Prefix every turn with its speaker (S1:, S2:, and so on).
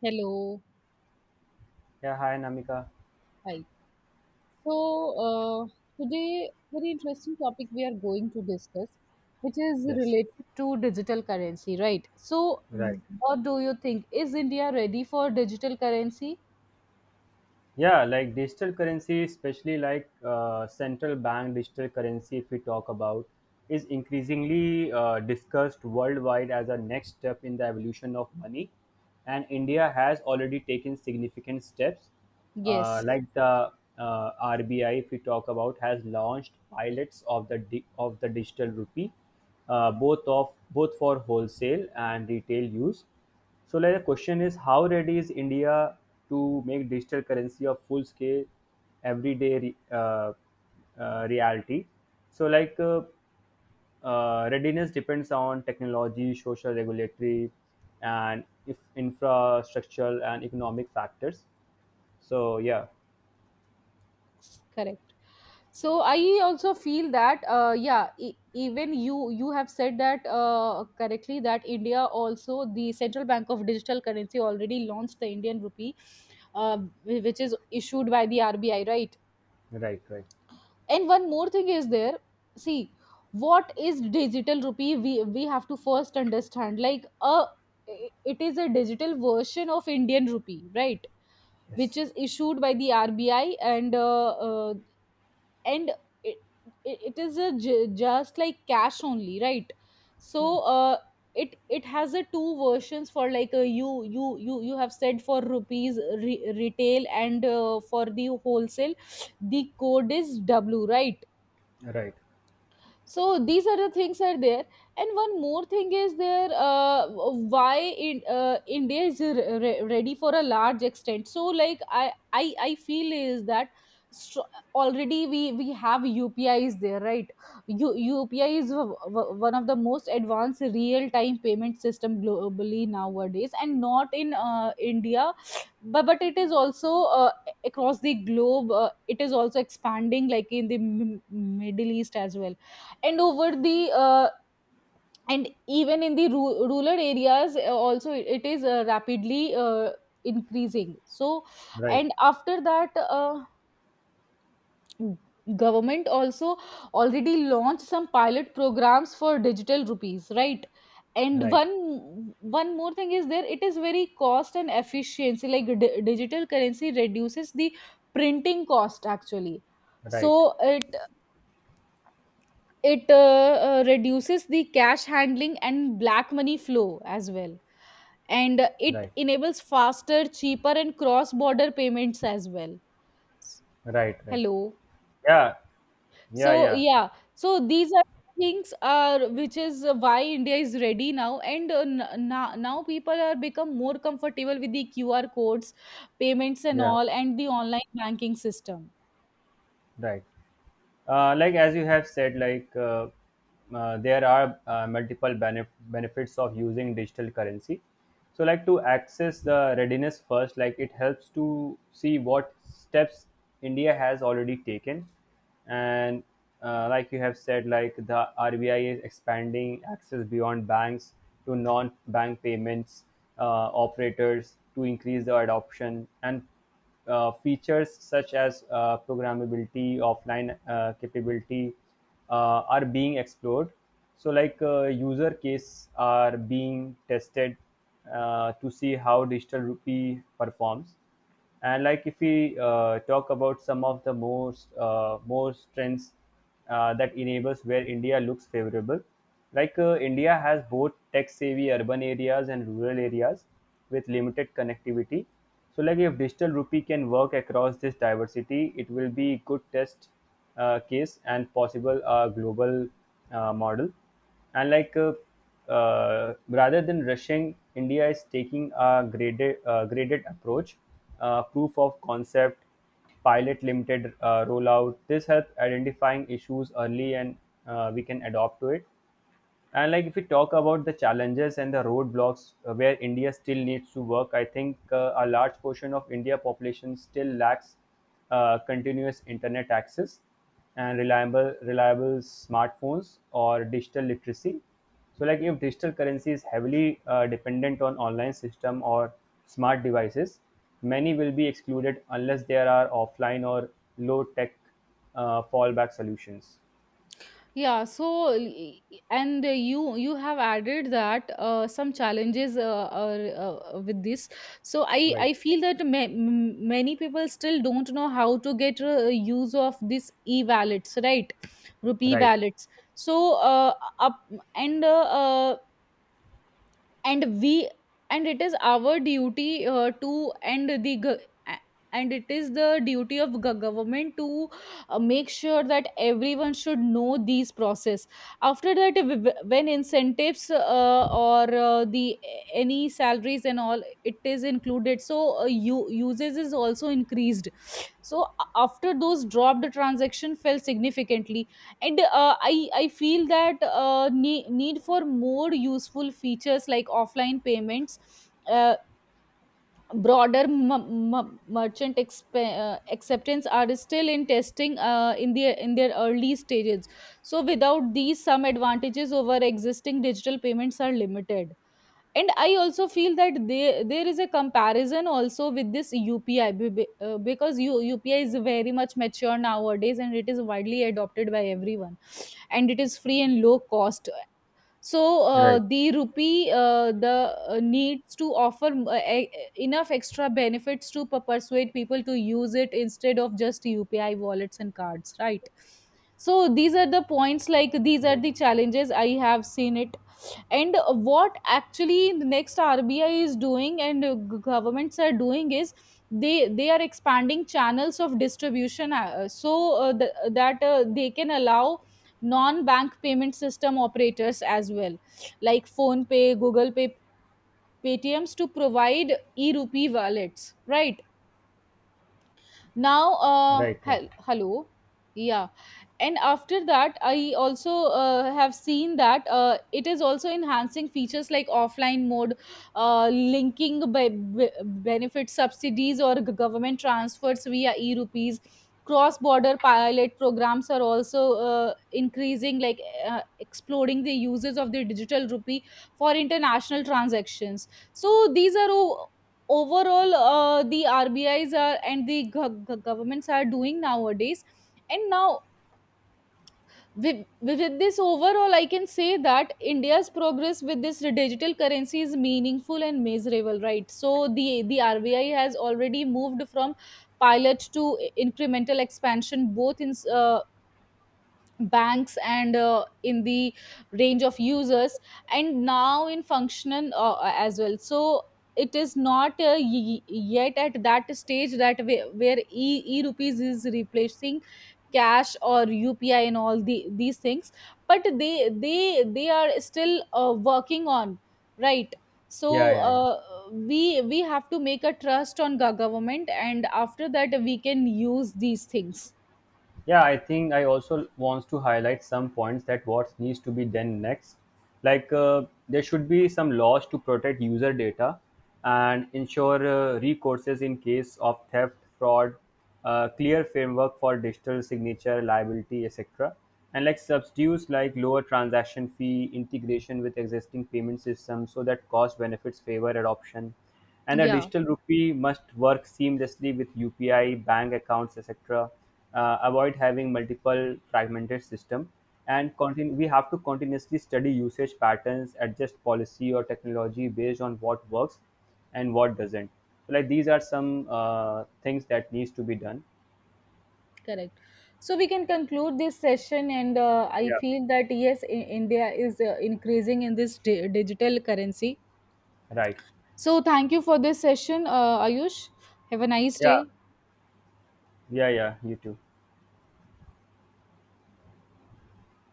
S1: Hello.
S2: Yeah, hi Namika.
S1: Hi. So, uh, today, very interesting topic we are going to discuss, which is
S2: Yes,
S1: related to digital currency, right? So,
S2: right.
S1: what do you think? Is India ready for digital currency?
S2: Yeah, like digital currency, especially like central bank digital currency, if we talk about, is increasingly discussed worldwide as a next step in the evolution of money. And India has already taken significant steps. Uh,
S1: Yes,
S2: like the uh, RBI, if we talk about, has launched pilots of the digital rupee, both for wholesale and retail use. So like the question is how ready is India to make digital currency of full scale everyday reality? So like readiness depends on technology, social regulatory, and if infrastructural and economic factors. So yeah,
S1: correct. So, I also feel that, yeah, even you have said that correctly that India also the Central Bank of Digital Currency already launched the Indian rupee, uh, which is issued by the RBI, right?
S2: right, right.
S1: And one more thing is there, see, what is digital rupee, we have to first understand, like, a it is a digital version of Indian rupee, right? Which
S2: Yes.
S1: is issued by the RBI. And and it, it it is a just like cash only, right? So, uh, it it has a two versions. For like, a you have said, for rupees, retail, and for the wholesale, the code is W, right?
S2: Right,
S1: So these are the things are there. And one more thing is there, why in, India is ready for a large extent. So like I feel is that, str- already we have UPI is there, right? UPI is one of the most advanced real time payment system globally nowadays, and not in India, but it is also across the globe. Uh, it is also expanding, like in the middle east as well, and over the and even in the rural areas also, it is rapidly increasing. So,
S2: right,
S1: and after that, government also already launched some pilot programs for digital rupees, right? And
S2: right,
S1: one more thing is there, it is very cost and efficiency, like digital currency reduces the printing cost actually. So,
S2: right,
S1: uh, It reduces the cash handling and black money flow as well. And it
S2: right,
S1: enables faster, cheaper, and cross border payments as well. S-
S2: right, right.
S1: Hello.
S2: Yeah, yeah,
S1: So,
S2: yeah,
S1: yeah. So, these are things are which is why India is ready now, and now people are become more comfortable with the QR codes payments and
S2: yeah,
S1: all, and the online banking system.
S2: right. Like as you have said, like there are multiple benefits of using digital currency, so like to access the readiness first, like it helps to see what steps india has already taken. And like you have said, like the rbi is expanding access beyond banks to non-bank payments operators to increase the adoption, and features such as programmability, offline capability are being explored. So, like user cases are being tested to see how digital rupee performs. And like if we talk about some of the most trends that enables where India looks favorable, like India has both tech savvy urban areas and rural areas with limited connectivity, so like if digital rupee can work across this diversity, it will be good test case and possible global model. And like rather than rushing, India is taking a graded approach, proof of concept, pilot limited rollout. This helps identifying issues early, and we can adopt to it. And like if we talk about the challenges and the roadblocks where India still needs to work, I think a large portion of India population still lacks continuous internet access and reliable smartphones or digital literacy. So like if digital currency is heavily dependent on online system or smart devices, many will be excluded unless there are offline or low tech fallback solutions.
S1: Yeah, so l- e- e- and you you have added that some challenges are with this. So i
S2: Right,
S1: i feel that many people still don't know how to get use of this e-wallets, right? Rupee
S2: right,
S1: wallets. So, uh, up and uh, uh, and we and it is our duty to and the go- a- and it is the duty of government to make sure that everyone should know these process. After that, when incentives or the any salaries and all it is included, so uses is also increased. So after those dropped, the transaction fell significantly. And I feel that need for more useful features like offline payments, uh, broader merchant acceptance are still in testing in their early stages. So without these, some advantages over existing digital payments are limited. And I also feel that there is a comparison also with this UPI because UPI is very much mature nowadays and it is widely adopted by everyone, and it is free and low cost. So
S2: right,
S1: the rupee the needs to offer enough extra benefits to persuade people to use it instead of just UPI wallets and cards, right? So these are the points, like these are
S2: right.
S1: the challenges I have seen it. And what actually the next RBI is doing and governments are doing is, they are expanding channels of distribution, so that they can allow non-bank payment system operators as well, like Phone Pay, Google Pay, Paytms, to provide e-rupee wallets, right? Now
S2: Right, right.
S1: hello. Yeah. And after that, I also have seen that it is also enhancing features like offline mode, linking benefit subsidies or government transfers via e-rupees. Cross border pilot programs are also increasing, like exploring the uses of the digital rupee for international transactions. So these are overall the RBIs are and the governments are doing nowadays. And now, with this overall, I can say that India's progress with this digital currency is meaningful and measurable, right? So the RBI has already moved from pilot to incremental expansion, both in banks and in the range of users, and now in functional as well. So it is not yet at that stage where e rupees is replacing cash or UPI and all the these things. But they are still working on, right? So
S2: Yeah, yeah, yeah.
S1: we have to make a trust on government, and after that we can use these things.
S2: Yeah, I think I also wants to highlight some points that what needs to be done next. Like there should be some laws to protect user data and ensure recourses in case of theft, fraud, clear framework for digital signature liability, etc. And like substitutes like lower transaction fee integration with existing payment systems so that cost benefits favor adoption, and the
S1: Yeah.
S2: digital rupee must work seamlessly with UPI, bank accounts, etc. Avoid having multiple fragmented system, and continue. We have to continuously study usage patterns, adjust policy or technology based on what works and what doesn't. So, like these are some things that needs to be done.
S1: Correct. So we can conclude this session, and I
S2: Yeah.
S1: feel that yes, India is increasing in this digital currency.
S2: Right.
S1: So thank you for this session, Ayush. Have a nice
S2: Yeah.
S1: day.
S2: Yeah. Yeah. You too.